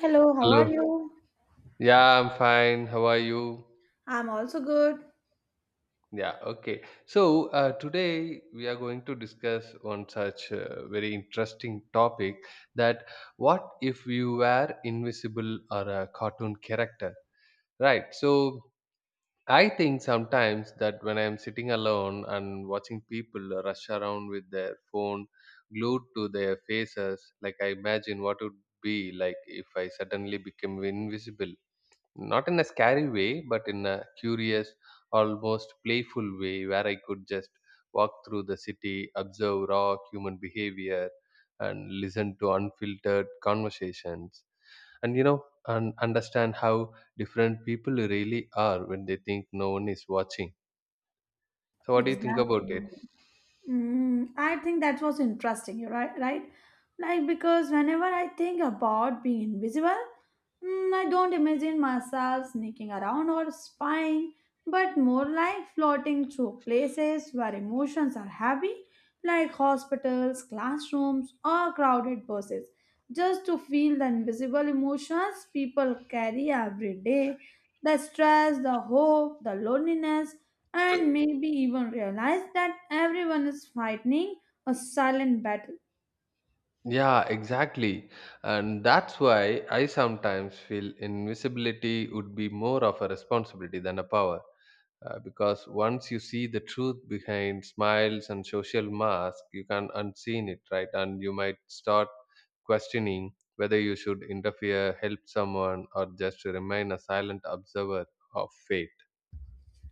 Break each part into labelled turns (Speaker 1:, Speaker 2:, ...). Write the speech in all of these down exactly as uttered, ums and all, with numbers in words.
Speaker 1: Hello, how are
Speaker 2: Hello.
Speaker 1: you?
Speaker 2: Yeah, I'm fine. How are you?
Speaker 1: I'm also good.
Speaker 2: Yeah, okay. So, uh, today we are going to discuss one such uh, very interesting topic that What if you were invisible or a cartoon character, right? So, I think sometimes that when I'm sitting alone and watching people rush around with their phone glued to their faces, like, I imagine what would be like if I suddenly became invisible, not in a scary way but in a curious, almost playful way where I could just walk through the city, observe raw human behavior, and listen to unfiltered conversations and you know and understand how different people really are when they think no one is watching. So what do you think about
Speaker 1: Exactly.
Speaker 2: it?
Speaker 1: Mm, I think that was interesting. You're right, right? Like because whenever I think about being invisible, mm, I don't imagine myself sneaking around or spying, but more like floating through places where emotions are heavy, like hospitals, classrooms, or crowded buses, just to feel the invisible emotions people carry every day, the stress, the hope, the loneliness and maybe even realize that everyone is fighting a silent battle.
Speaker 2: Yeah, exactly. And that's why I sometimes feel invisibility would be more of a responsibility than a power, uh, because once you see the truth behind smiles and social mask, you can unseen it, right? And you might start questioning whether you should interfere, help someone, or just remain a silent observer of fate.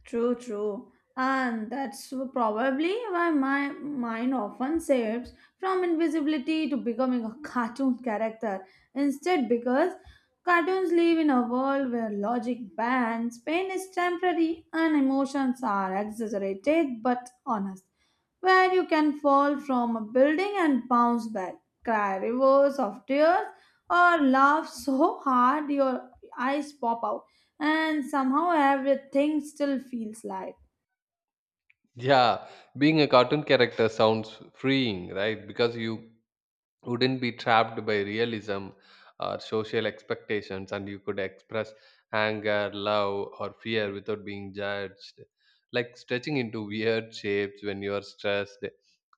Speaker 1: True, true. And that's probably why my mind often shifts from invisibility to becoming a cartoon character. Instead, because cartoons live in a world where logic bans, pain is temporary, and emotions are exaggerated but honest. Where you can fall from a building and bounce back, cry rivers of tears, or laugh so hard your eyes pop out, and somehow everything still feels light.
Speaker 2: Yeah, being a cartoon character sounds freeing, right? Because you wouldn't be trapped by realism or social expectations, and you could express anger, love, or fear without being judged, like stretching into weird shapes when you are stressed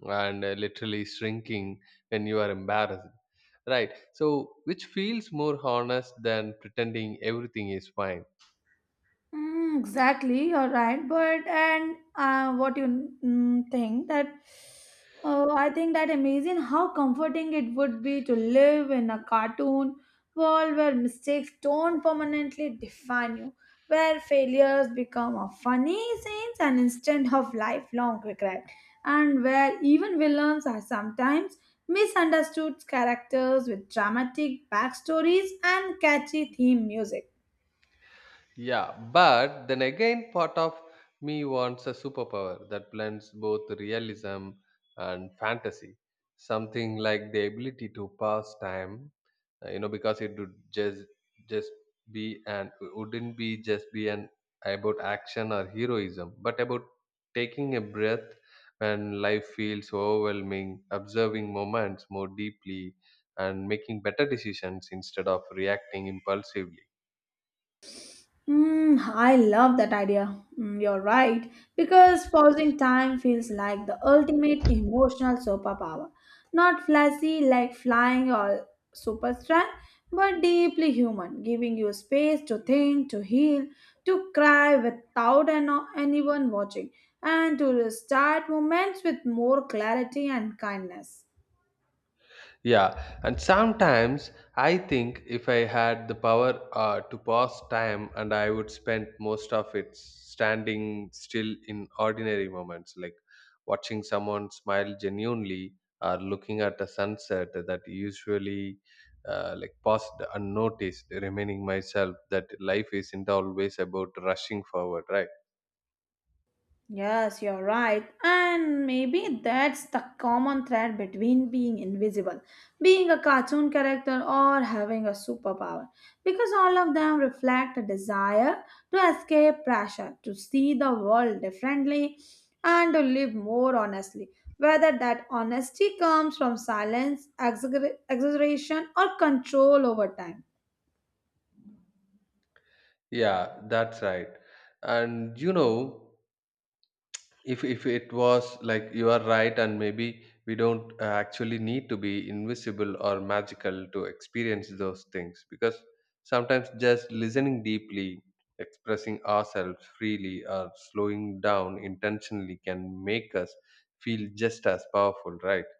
Speaker 2: and uh, literally shrinking when you are embarrassed, right? So which feels more honest than pretending everything is fine.
Speaker 1: Mm, exactly, you're right. But and uh, what you mm, think that uh, I think that amazing how comforting it would be to live in a cartoon world where mistakes don't permanently define you, where failures become a funny scenes and instead of lifelong regret, and where even villains are sometimes misunderstood characters with dramatic backstories and catchy theme music.
Speaker 2: Yeah, but then again, part of me wants a superpower that blends both realism and fantasy. Something like the ability to pass time, uh, you know, because it would just just be, and wouldn't be just be an about action or heroism, but about taking a breath when life feels overwhelming, observing moments more deeply, and making better decisions instead of reacting impulsively.
Speaker 1: Mm, I love that idea. Mm, you're right, because pausing time feels like the ultimate emotional superpower. Not flashy like flying or super strength, but deeply human, giving you space to think, to heal, to cry without an- anyone watching, and to restart moments with more clarity and kindness.
Speaker 2: Yeah, and sometimes I think if I had the power uh, to pause time, and I would spend most of it standing still in ordinary moments, like watching someone smile genuinely or looking at a sunset that usually uh, like passed unnoticed, reminding myself that life isn't always about rushing forward, right?
Speaker 1: Yes, you're right. And maybe that's the common thread between being invisible, being a cartoon character, or having a superpower. Because all of them reflect a desire to escape pressure, to see the world differently, and to live more honestly. Whether that honesty comes from silence, exagger- exaggeration, or control over time.
Speaker 2: Yeah, that's right. And you know, if if it was like you are right, and maybe we don't uh, actually need to be invisible or magical to experience those things, because sometimes just listening deeply, expressing ourselves freely, or slowing down intentionally can make us feel just as powerful, right?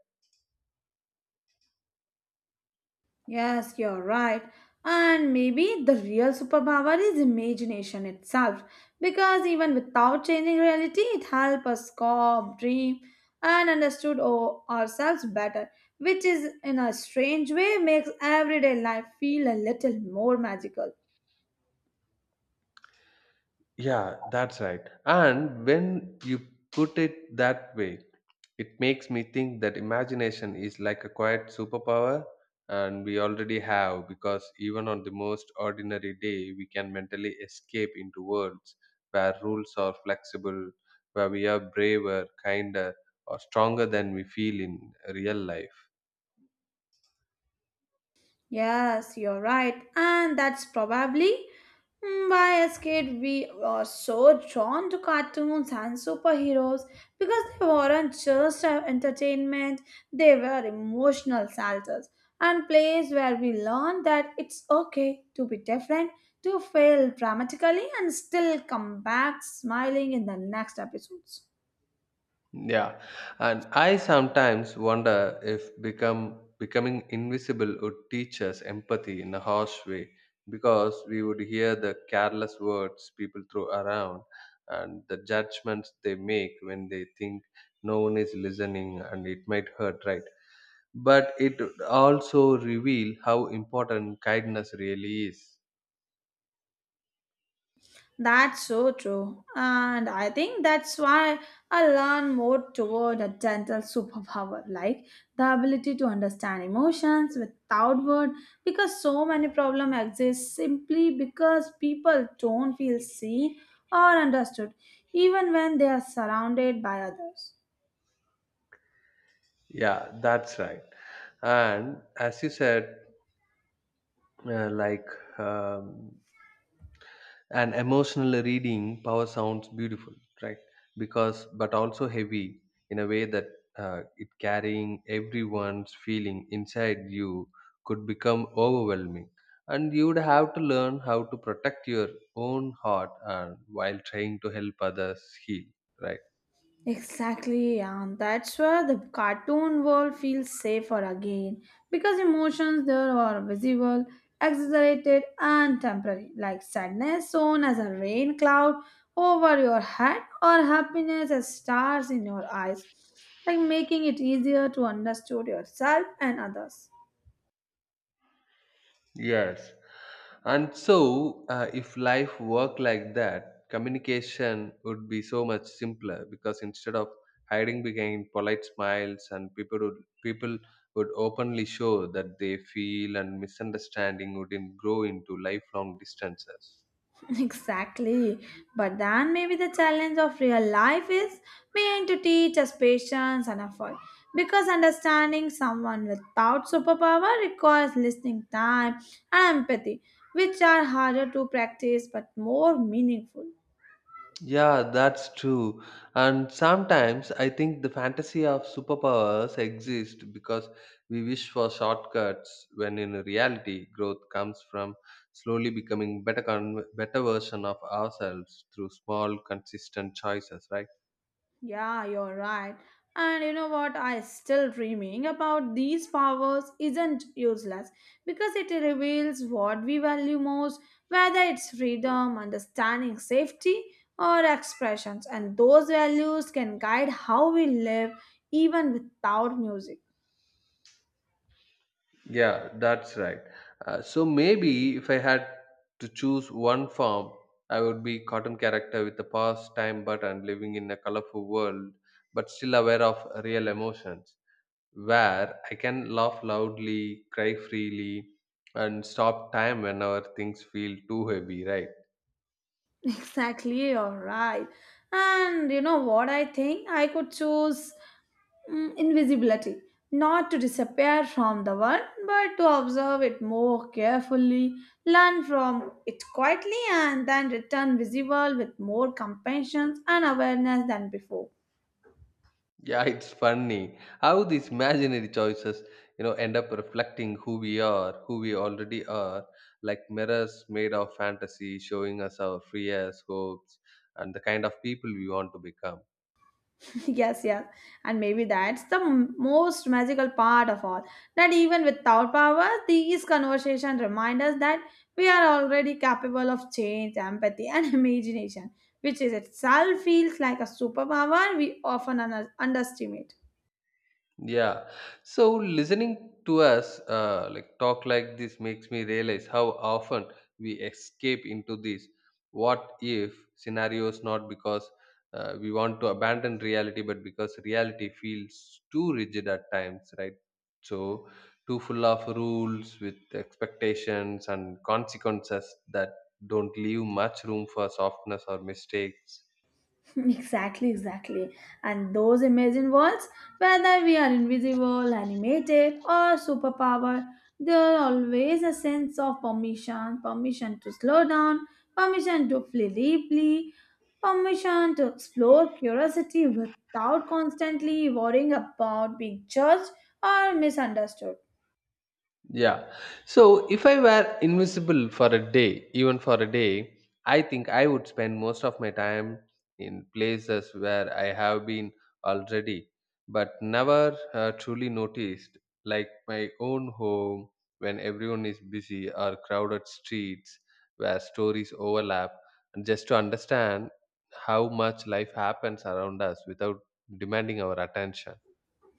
Speaker 1: Yes, you're right. And maybe the real superpower is imagination itself, because even without changing reality, it helps us cope, dream, and understood o- ourselves better, which is in a strange way makes everyday life feel a little more magical.
Speaker 2: Yeah, that's right. And when you put it that way, it makes me think that imagination is like a quiet superpower and we already have, because even on the most ordinary day we can mentally escape into worlds where rules are flexible, where we are braver, kinder, or stronger than we feel in real life.
Speaker 1: Yes, you're right. And that's probably mm, why as kid we were so drawn to cartoons and superheroes because they weren't just uh, entertainment, they were emotional shelters and places where we learned that it's okay to be different, to fail dramatically and still come back smiling in the next episodes.
Speaker 2: Yeah, and I sometimes wonder if become becoming invisible would teach us empathy in a harsh way, because we would hear the careless words people throw around and the judgments they make when they think no one is listening, and it might hurt, right? But it would also reveal how important kindness really is.
Speaker 1: That's so true. And I think that's why I learn more toward a gentle superpower, like the ability to understand emotions without words, because so many problems exist simply because people don't feel seen or understood, even when they are surrounded by others.
Speaker 2: Yeah, that's right. And as you said, uh, like. Um, and emotional reading power sounds beautiful, right? Because, but also heavy in a way that uh, it carrying everyone's feeling inside you could become overwhelming, and you would have to learn how to protect your own heart and while trying to help others heal, right?
Speaker 1: Exactly, and that's where the cartoon world feels safer again because emotions there are visible, exaggerated, and temporary, like sadness sown as a rain cloud over your head or happiness as stars in your eyes, like making it easier to understand yourself and others.
Speaker 2: Yes. And so, uh, if life worked like that, communication would be so much simpler, because instead of hiding behind polite smiles, and people would people would openly show that they feel, and misunderstanding wouldn't grow into lifelong distances.
Speaker 1: Exactly. But then maybe the challenge of real life is being to teach us patience and effort. Because understanding someone without superpower requires listening time and empathy, which are harder to practice but more meaningful.
Speaker 2: Yeah, that's true. And sometimes I think the fantasy of superpowers exists because we wish for shortcuts, when in reality growth comes from slowly becoming better con- better version of ourselves through small consistent choices, right?
Speaker 1: Yeah, you're right. And you know what? I still dreaming about these powers isn't useless because it reveals what we value most, whether it's freedom, understanding, safety, or expressions. And those values can guide how we live even without music.
Speaker 2: Yeah, that's right. Uh, so maybe if I had to choose one form, I would be cartoon character with a pause time button, living in a colorful world but still aware of real emotions, where I can laugh loudly, cry freely, and stop time whenever things feel too heavy, right?
Speaker 1: Exactly, you're right. And you know what I think? I could choose mm, invisibility, not to disappear from the world, but to observe it more carefully, learn from it quietly, and then return visible with more compassion and awareness than before.
Speaker 2: Yeah, it's funny how these imaginary choices, you know, end up reflecting who we are, who we already are, like mirrors made of fantasy, showing us our fears, hopes, and the kind of people we want to become.
Speaker 1: Yes, yes, and maybe that's the m- most magical part of all, that even without power these conversations remind us that we are already capable of change, empathy and imagination, which is itself feels like a superpower we often un- underestimate.
Speaker 2: Yeah. So listening to us uh, like talk like this makes me realize how often we escape into these what if scenarios, not because uh, we want to abandon reality, but because reality feels too rigid at times, right? So too full of rules with expectations and consequences that don't leave much room for softness or mistakes.
Speaker 1: Exactly, exactly. And those imagined worlds, whether we are invisible, animated, or superpower, there are always a sense of permission permission to slow down, permission to feel deeply, permission to explore curiosity without constantly worrying about being judged or misunderstood.
Speaker 2: Yeah. So if I were invisible for a day, even for a day, I think I would spend most of my time in places where I have been already, but never uh, truly noticed, like my own home when everyone is busy, or crowded streets where stories overlap, and just to understand how much life happens around us without demanding our attention.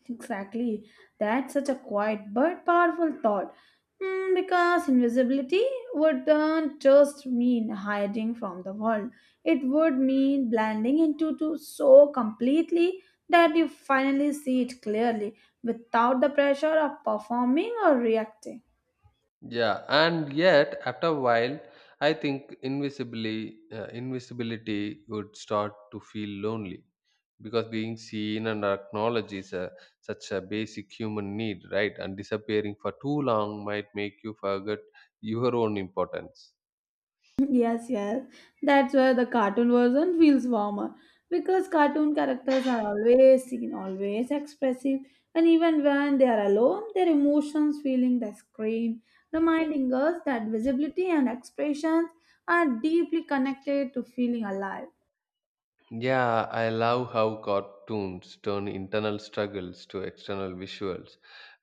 Speaker 1: Exactly. That's such a quiet but powerful thought. Mm, because invisibility wouldn't just mean hiding from the world, it would mean blending into to so completely that you finally see it clearly without the pressure of performing or reacting.
Speaker 2: Yeah, and yet after a while, I think invisibly uh, invisibility would start to feel lonely, because being seen and acknowledged is a, such a basic human need, right? And disappearing for too long might make you forget your own importance.
Speaker 1: Yes, yes. That's where the cartoon version feels warmer because cartoon characters are always seen, always expressive, and even when they are alone, their emotions filling the screen, reminding us that visibility and expressions are deeply connected to feeling alive.
Speaker 2: Yeah, I love how cartoons turn internal struggles to external visuals,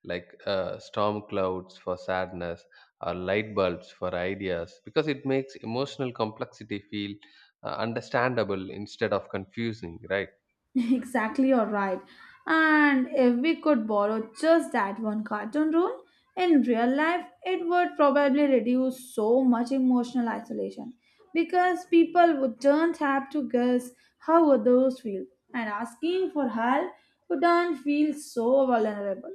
Speaker 2: like uh, storm clouds for sadness or light bulbs for ideas, because it makes emotional complexity feel uh, understandable instead of confusing, right?
Speaker 1: Exactly, you're right. And if we could borrow just that one cartoon rule in real life, it would probably reduce so much emotional isolation because people wouldn't do have to guess how others feel, and asking for help wouldn't feel so vulnerable.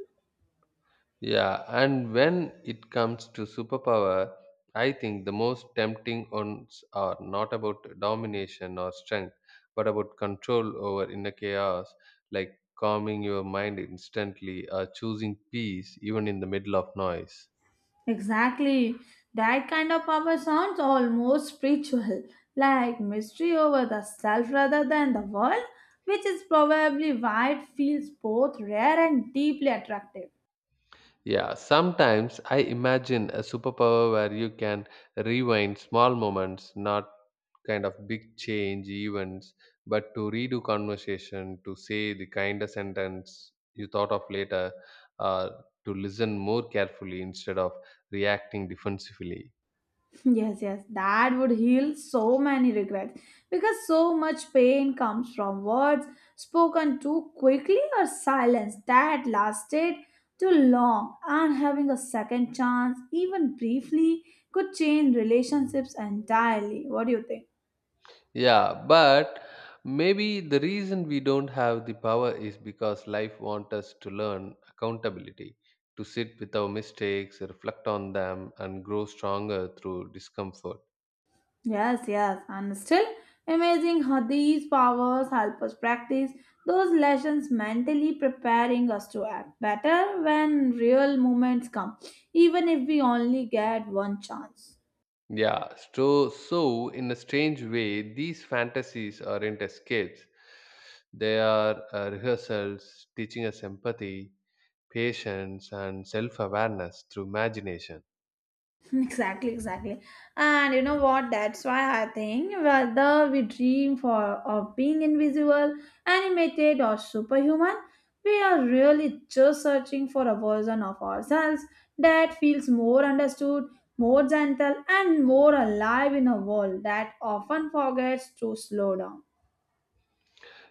Speaker 2: Yeah, and when it comes to superpower, I think the most tempting ones are not about domination or strength, but about control over inner chaos, like calming your mind instantly or choosing peace even in the middle of noise.
Speaker 1: Exactly. That kind of power sounds almost spiritual, like mystery over the self rather than the world, which is probably why it feels both rare and deeply attractive.
Speaker 2: Yeah, sometimes I imagine a superpower where you can rewind small moments, not kind of big change events, but to redo conversation, to say the kind of sentence you thought of later, uh, to listen more carefully instead of reacting defensively.
Speaker 1: Yes, yes, that would heal so many regrets because so much pain comes from words spoken too quickly or silence that lasted too long, and having a second chance, even briefly, could change relationships entirely. What do you think?
Speaker 2: Yeah, but maybe the reason we don't have the power is because life wants us to learn accountability, to sit with our mistakes, reflect on them, and grow stronger through discomfort.
Speaker 1: Yes, yes, and still amazing how these powers help us practice those lessons mentally, preparing us to act better when real moments come, even if we only get one chance.
Speaker 2: Yeah, so, so in a strange way, these fantasies aren't escapes. They are uh, rehearsals teaching us empathy, patience, and self awareness through imagination.
Speaker 1: Exactly, exactly. And you know what? That's why I think whether we dream for of being invisible, animated, or superhuman, we are really just searching for a version of ourselves that feels more understood, more gentle, and more alive in a world that often forgets to slow down.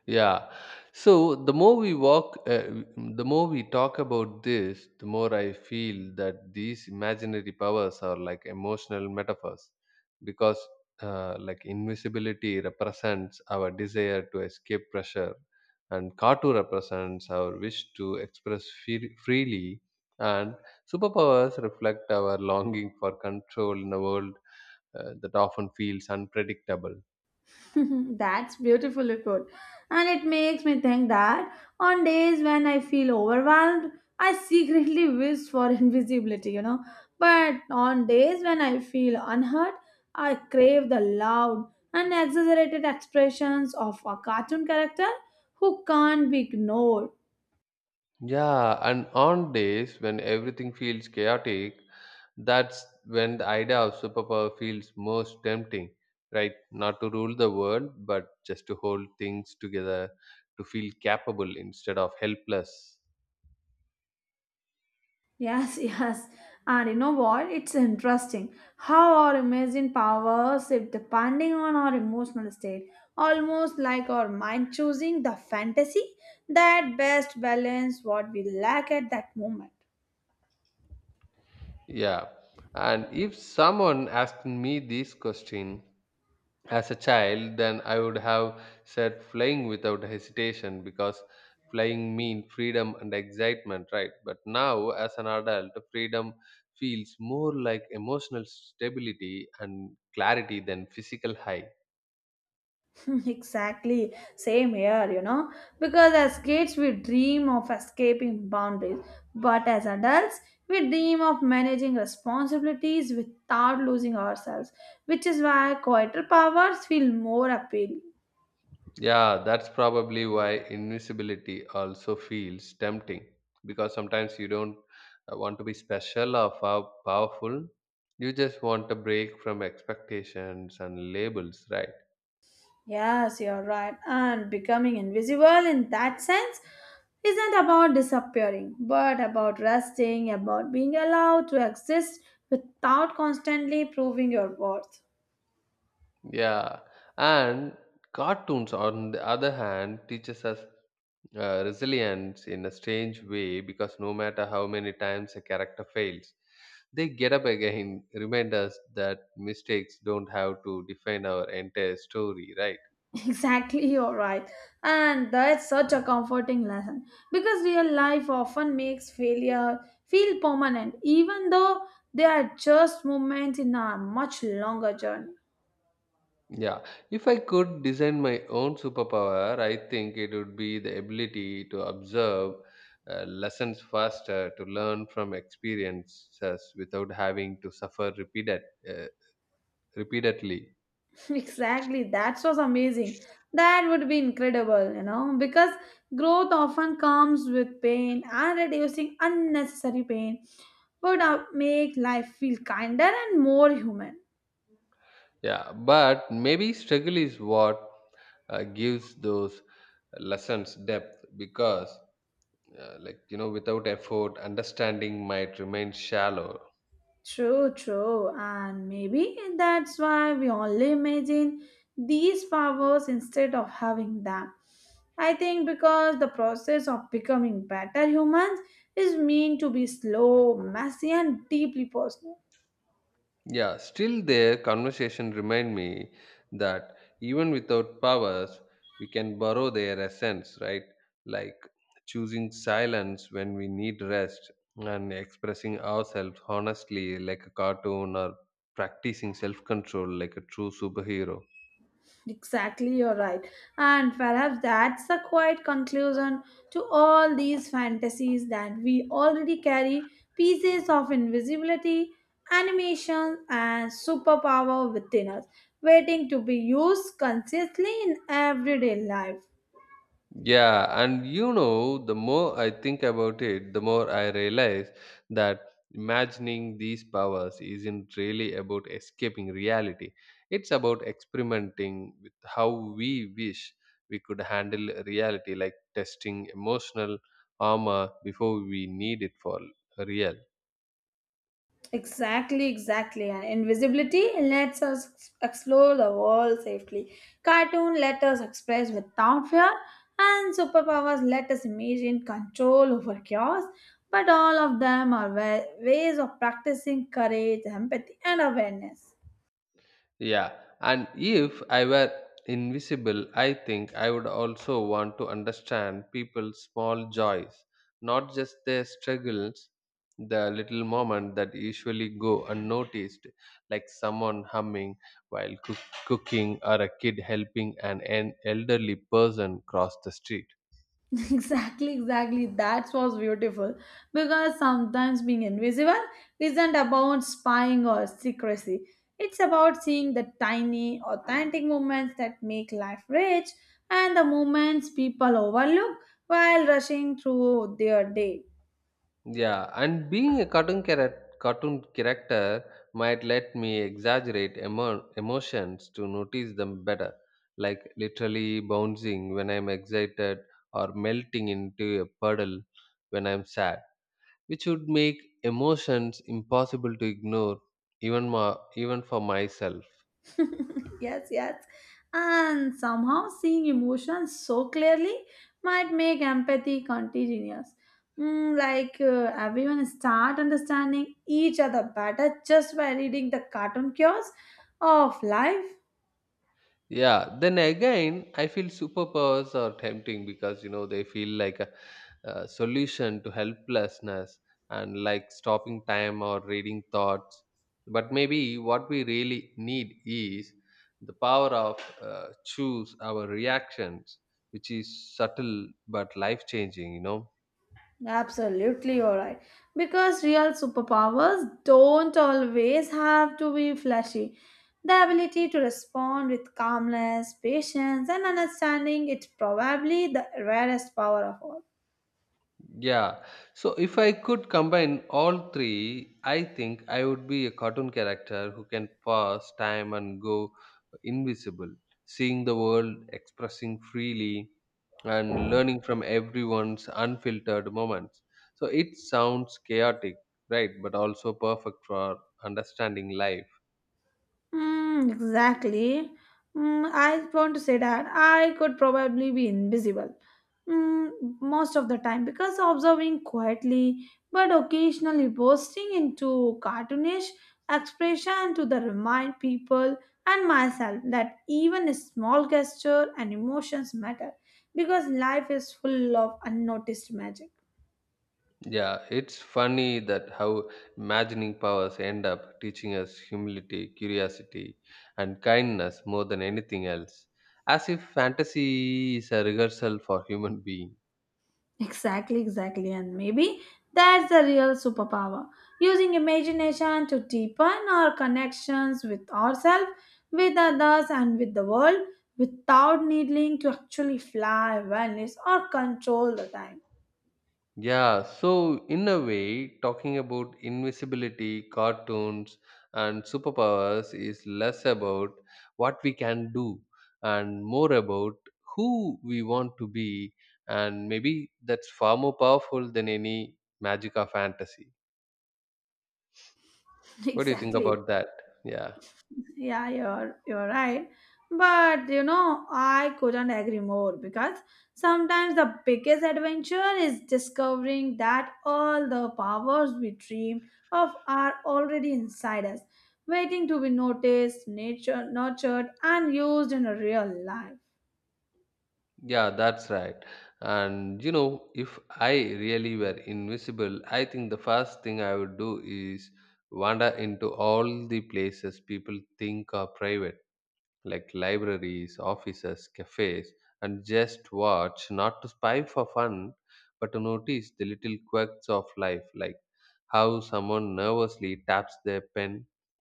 Speaker 2: Yeah. So the more we walk, uh, w- the more we talk about this, the more I feel that these imaginary powers are like emotional metaphors because, uh, like, invisibility represents our desire to escape pressure, and Katu represents our wish to express free- freely, and superpowers reflect our longing for control in a world uh, that often feels unpredictable.
Speaker 1: That's beautifully put. And it makes me think that on days when I feel overwhelmed, I secretly wish for invisibility, you know. But on days when I feel unheard, I crave the loud and exaggerated expressions of a cartoon character who can't be ignored.
Speaker 2: Yeah, and on days when everything feels chaotic, that's when the idea of superpower feels most tempting, right? Not to rule the world, but just to hold things together, to feel capable instead of helpless.
Speaker 1: Yes, yes. And you know what? It's interesting how our imagined power shift depending on our emotional state, almost like our mind choosing the fantasy that best balance what we lack at that moment.
Speaker 2: Yeah. And if someone asked me this question, as a child, then I would have said flying without hesitation, because flying mean freedom and excitement, right? But now as an adult, freedom feels more like emotional stability and clarity than physical high.
Speaker 1: Exactly. Same here, you know. Because as kids, we dream of escaping boundaries, but as adults, we dream of managing responsibilities without losing ourselves, which is why quieter powers feel more appealing.
Speaker 2: Yeah, that's probably why invisibility also feels tempting, because sometimes you don't uh, want to be special or pow- powerful, you just want a break from expectations and labels, right?
Speaker 1: Yes, you're right. And becoming invisible in that sense isn't about disappearing, but about resting, about being allowed to exist without constantly proving your worth.
Speaker 2: Yeah, and cartoons, on the other hand, teaches us uh, resilience in a strange way, because no matter how many times a character fails, they get up again, remind us that mistakes don't have to define our entire story, right?
Speaker 1: Exactly, you're right. And that's such a comforting lesson because real life often makes failure feel permanent, even though they are just moments in a much longer journey.
Speaker 2: Yeah, if I could design my own superpower, I think it would be the ability to observe uh, lessons faster, to learn from experiences without having to suffer repeated, uh, repeatedly.
Speaker 1: Exactly, that was amazing. That would be incredible, you know, because growth often comes with pain and reducing unnecessary pain would uh, make life feel kinder and more human.
Speaker 2: Yeah, but maybe struggle is what uh, gives those lessons depth, because, uh, like, you know, without effort, understanding might remain shallow.
Speaker 1: True, true, and maybe that's why we only imagine these powers instead of having them. I think because the process of becoming better humans is meant to be slow, messy, and deeply personal.
Speaker 2: Yeah, still their conversation remind me that even without powers, we can borrow their essence, right? Like choosing silence when we need rest, and expressing ourselves honestly like a cartoon, or practicing self-control like a true superhero.
Speaker 1: Exactly, you're right. And perhaps that's a quiet conclusion to all these fantasies that we already carry pieces of invisibility, animation, and superpower within us, waiting to be used consciously in everyday life.
Speaker 2: Yeah, and you know, the more I think about it, the more I realize that imagining these powers isn't really about escaping reality. It's about experimenting with how we wish we could handle reality, like testing emotional armor before we need it for real.
Speaker 1: Exactly, exactly. And invisibility lets us explore the world safely. Cartoon let us express without fear, and superpowers let us imagine control over chaos. But all of them are wa- ways of practicing courage, empathy, and awareness.
Speaker 2: Yeah, and if I were invisible, I think I would also want to understand people's small joys, not just their struggles, the little moment that usually go unnoticed, like someone humming while cook- cooking, or a kid helping an, an elderly person cross the street.
Speaker 1: Exactly, exactly. That was beautiful. Because sometimes being invisible isn't about spying or secrecy. It's about seeing the tiny, authentic moments that make life rich and the moments people overlook while rushing through their day.
Speaker 2: Yeah, and being a cartoon character, cartoon character might let me exaggerate emo- emotions to notice them better, like literally bouncing when I'm excited or melting into a puddle when I'm sad, which would make emotions impossible to ignore even more, even for myself.
Speaker 1: Yes, yes. And somehow seeing emotions so clearly might make empathy contagious. Mm, like uh, everyone start understanding each other better just by reading the cartoon cures of life.
Speaker 2: Yeah, then again, I feel superpowers are tempting because you know they feel like a, a solution to helplessness and like stopping time or reading thoughts. But maybe what we really need is the power of uh, choose our reactions, which is subtle but life changing, you know.
Speaker 1: Absolutely alright. Because real superpowers don't always have to be flashy. The ability to respond with calmness, patience, and understanding is probably the rarest power of all.
Speaker 2: Yeah. So if I could combine all three, I think I would be a cartoon character who can pause time and go invisible, seeing the world, expressing freely, and learning from everyone's unfiltered moments. So it sounds chaotic, right? But also perfect for understanding life.
Speaker 1: Mm, exactly. Mm, I want to say that I could probably be invisible mm, most of the time because observing quietly but occasionally bursting into cartoonish expression to the remind people and myself that even a small gesture and emotions matter because life is full of unnoticed magic.
Speaker 2: Yeah, it's funny that how imagining powers end up teaching us humility, curiosity, and kindness more than anything else, as if fantasy is a rehearsal for human being.
Speaker 1: Exactly, exactly. And maybe that's the real superpower. Using imagination to deepen our connections with ourselves, with others, and with the world without needing to actually fly, vanish, or control the time.
Speaker 2: Yeah, so in a way, talking about invisibility, cartoons, and superpowers is less about what we can do and more about who we want to be, and maybe that's far more powerful than any magic or fantasy. What do you think
Speaker 1: Exactly.
Speaker 2: about that? Yeah,
Speaker 1: Yeah, you're you're right. But you know, I couldn't agree more because sometimes the biggest adventure is discovering that all the powers we dreamed of are already inside us, waiting to be noticed, nature nurtured, and used in a real life.
Speaker 2: yeah, that's right. And you know, if I really were invisible, I think the first thing I would do is wander into all the places people think are private, like libraries, offices, cafes, and just watch, not to spy for fun, but to notice the little quirks of life, like how someone nervously taps their pen,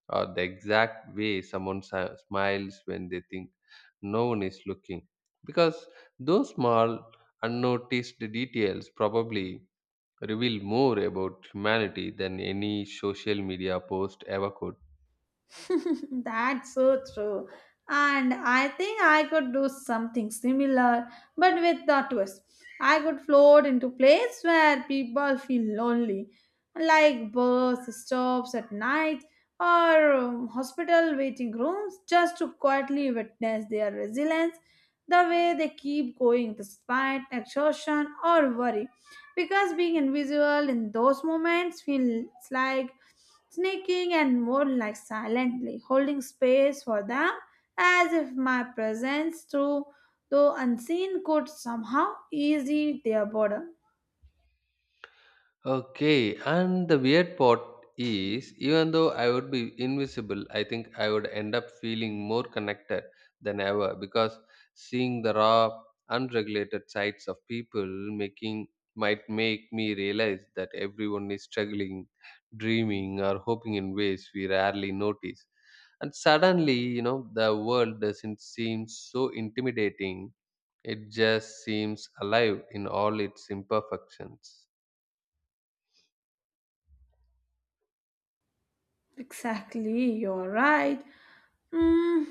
Speaker 2: or the exact way someone si- smiles when they think no one is looking. Because those small, unnoticed details probably reveal more about humanity than any social media post ever could.
Speaker 1: That's so true. And I think I could do something similar, but with the twist. I could float into place where people feel lonely, like bus stops at night or um, hospital waiting rooms, just to quietly witness their resilience, the way they keep going despite exhaustion or worry. Because being invisible in those moments feels like sneaking and more like silently holding space for them as if my presence through though unseen could somehow ease their boredom.
Speaker 2: Okay, and the weird part is, even though I would be invisible, I think I would end up feeling more connected than ever because seeing the raw, unregulated sides of people making might make me realize that everyone is struggling, dreaming, or hoping in ways we rarely notice. And suddenly, you know, the world doesn't seem so intimidating. It just seems alive in all its imperfections.
Speaker 1: Exactly, you're right. mm,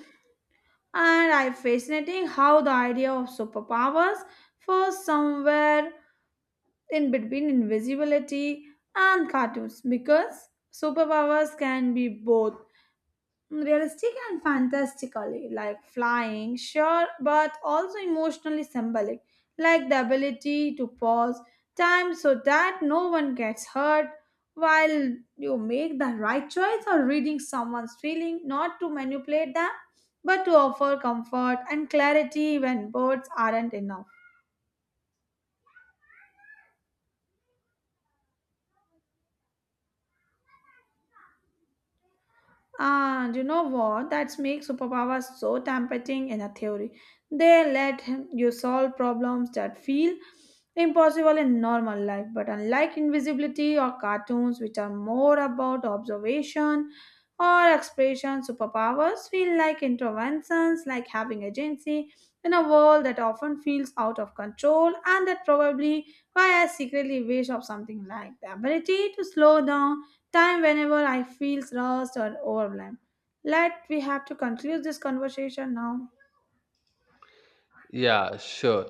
Speaker 1: and I fascinating how the idea of superpowers falls somewhere in between invisibility and cartoons because superpowers can be both realistic and fantastically, like flying, sure, but also emotionally symbolic, like the ability to pause time so that no one gets hurt while you make the right choice or reading someone's feeling, not to manipulate them, but to offer comfort and clarity when words aren't enough. And you know what? That makes superpowers so tempting in a theory. They let him- you solve problems that feel impossible in normal life, but unlike invisibility or cartoons, which are more about observation or expression, superpowers feel like interventions, like having agency in a world that often feels out of control, and that probably why I secretly wish of something like the ability to slow down time whenever I feel lost or overwhelmed. Let we have to conclude this conversation now.
Speaker 2: Yeah, sure.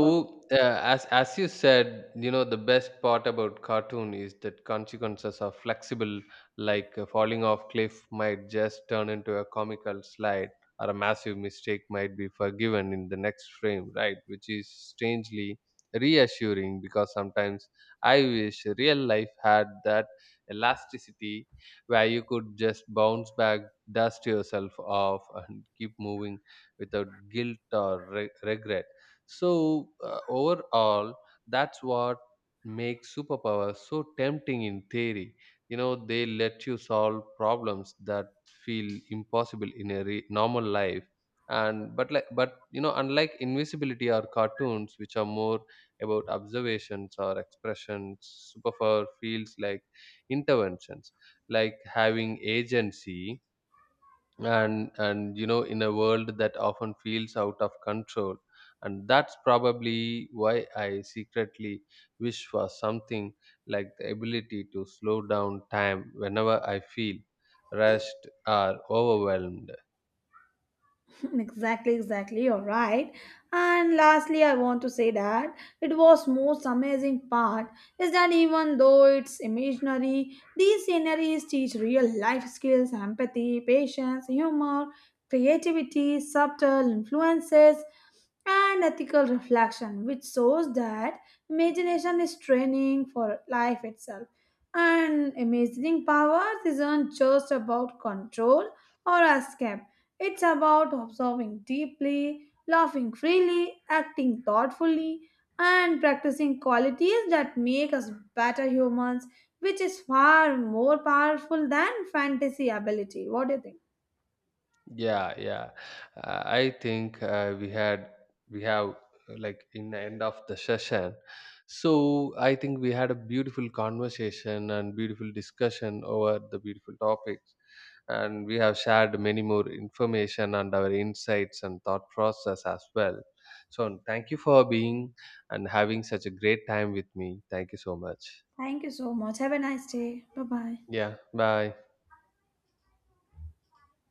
Speaker 1: Oh,
Speaker 2: uh, as as you said, you know, the best part about cartoon is that consequences are flexible. Like uh, falling off cliff might just turn into a comical slide, or a massive mistake might be forgiven in the next frame, right? Which is strangely reassuring because sometimes I wish real life had that elasticity where you could just bounce back, dust yourself off, and keep moving without guilt or re- regret. So uh, overall, that's what makes superpowers so tempting in theory. You know, they let you solve problems that feel impossible in a re- normal life. And but like but you know, unlike invisibility or cartoons, which are more about observations or expressions, superpower feels like interventions, like having agency and and you know, in a world that often feels out of control. And that's probably why I secretly wish for something like the ability to slow down time whenever I feel rushed or overwhelmed.
Speaker 1: exactly, exactly. You're right. And lastly, I want to say that it was most amazing part is that even though it's imaginary, these sceneries teach real life skills, empathy, patience, humor, creativity, subtle influences, and ethical reflection, which shows that imagination is training for life itself. And imagining powers isn't just about control or escape, it's about observing deeply, laughing freely, acting thoughtfully, and practicing qualities that make us better humans, which is far more powerful than fantasy ability. What do you think?
Speaker 2: Yeah, yeah. Uh, I think uh, we had we have uh, like, in the end of the session, so I think we had a beautiful conversation and beautiful discussion over the beautiful topics, and we have shared many more information and our insights and thought process as well. So thank you for being and having such a great time with me. Thank you so much.
Speaker 1: Thank you so much. Have a nice day. Bye bye.
Speaker 2: Yeah, bye.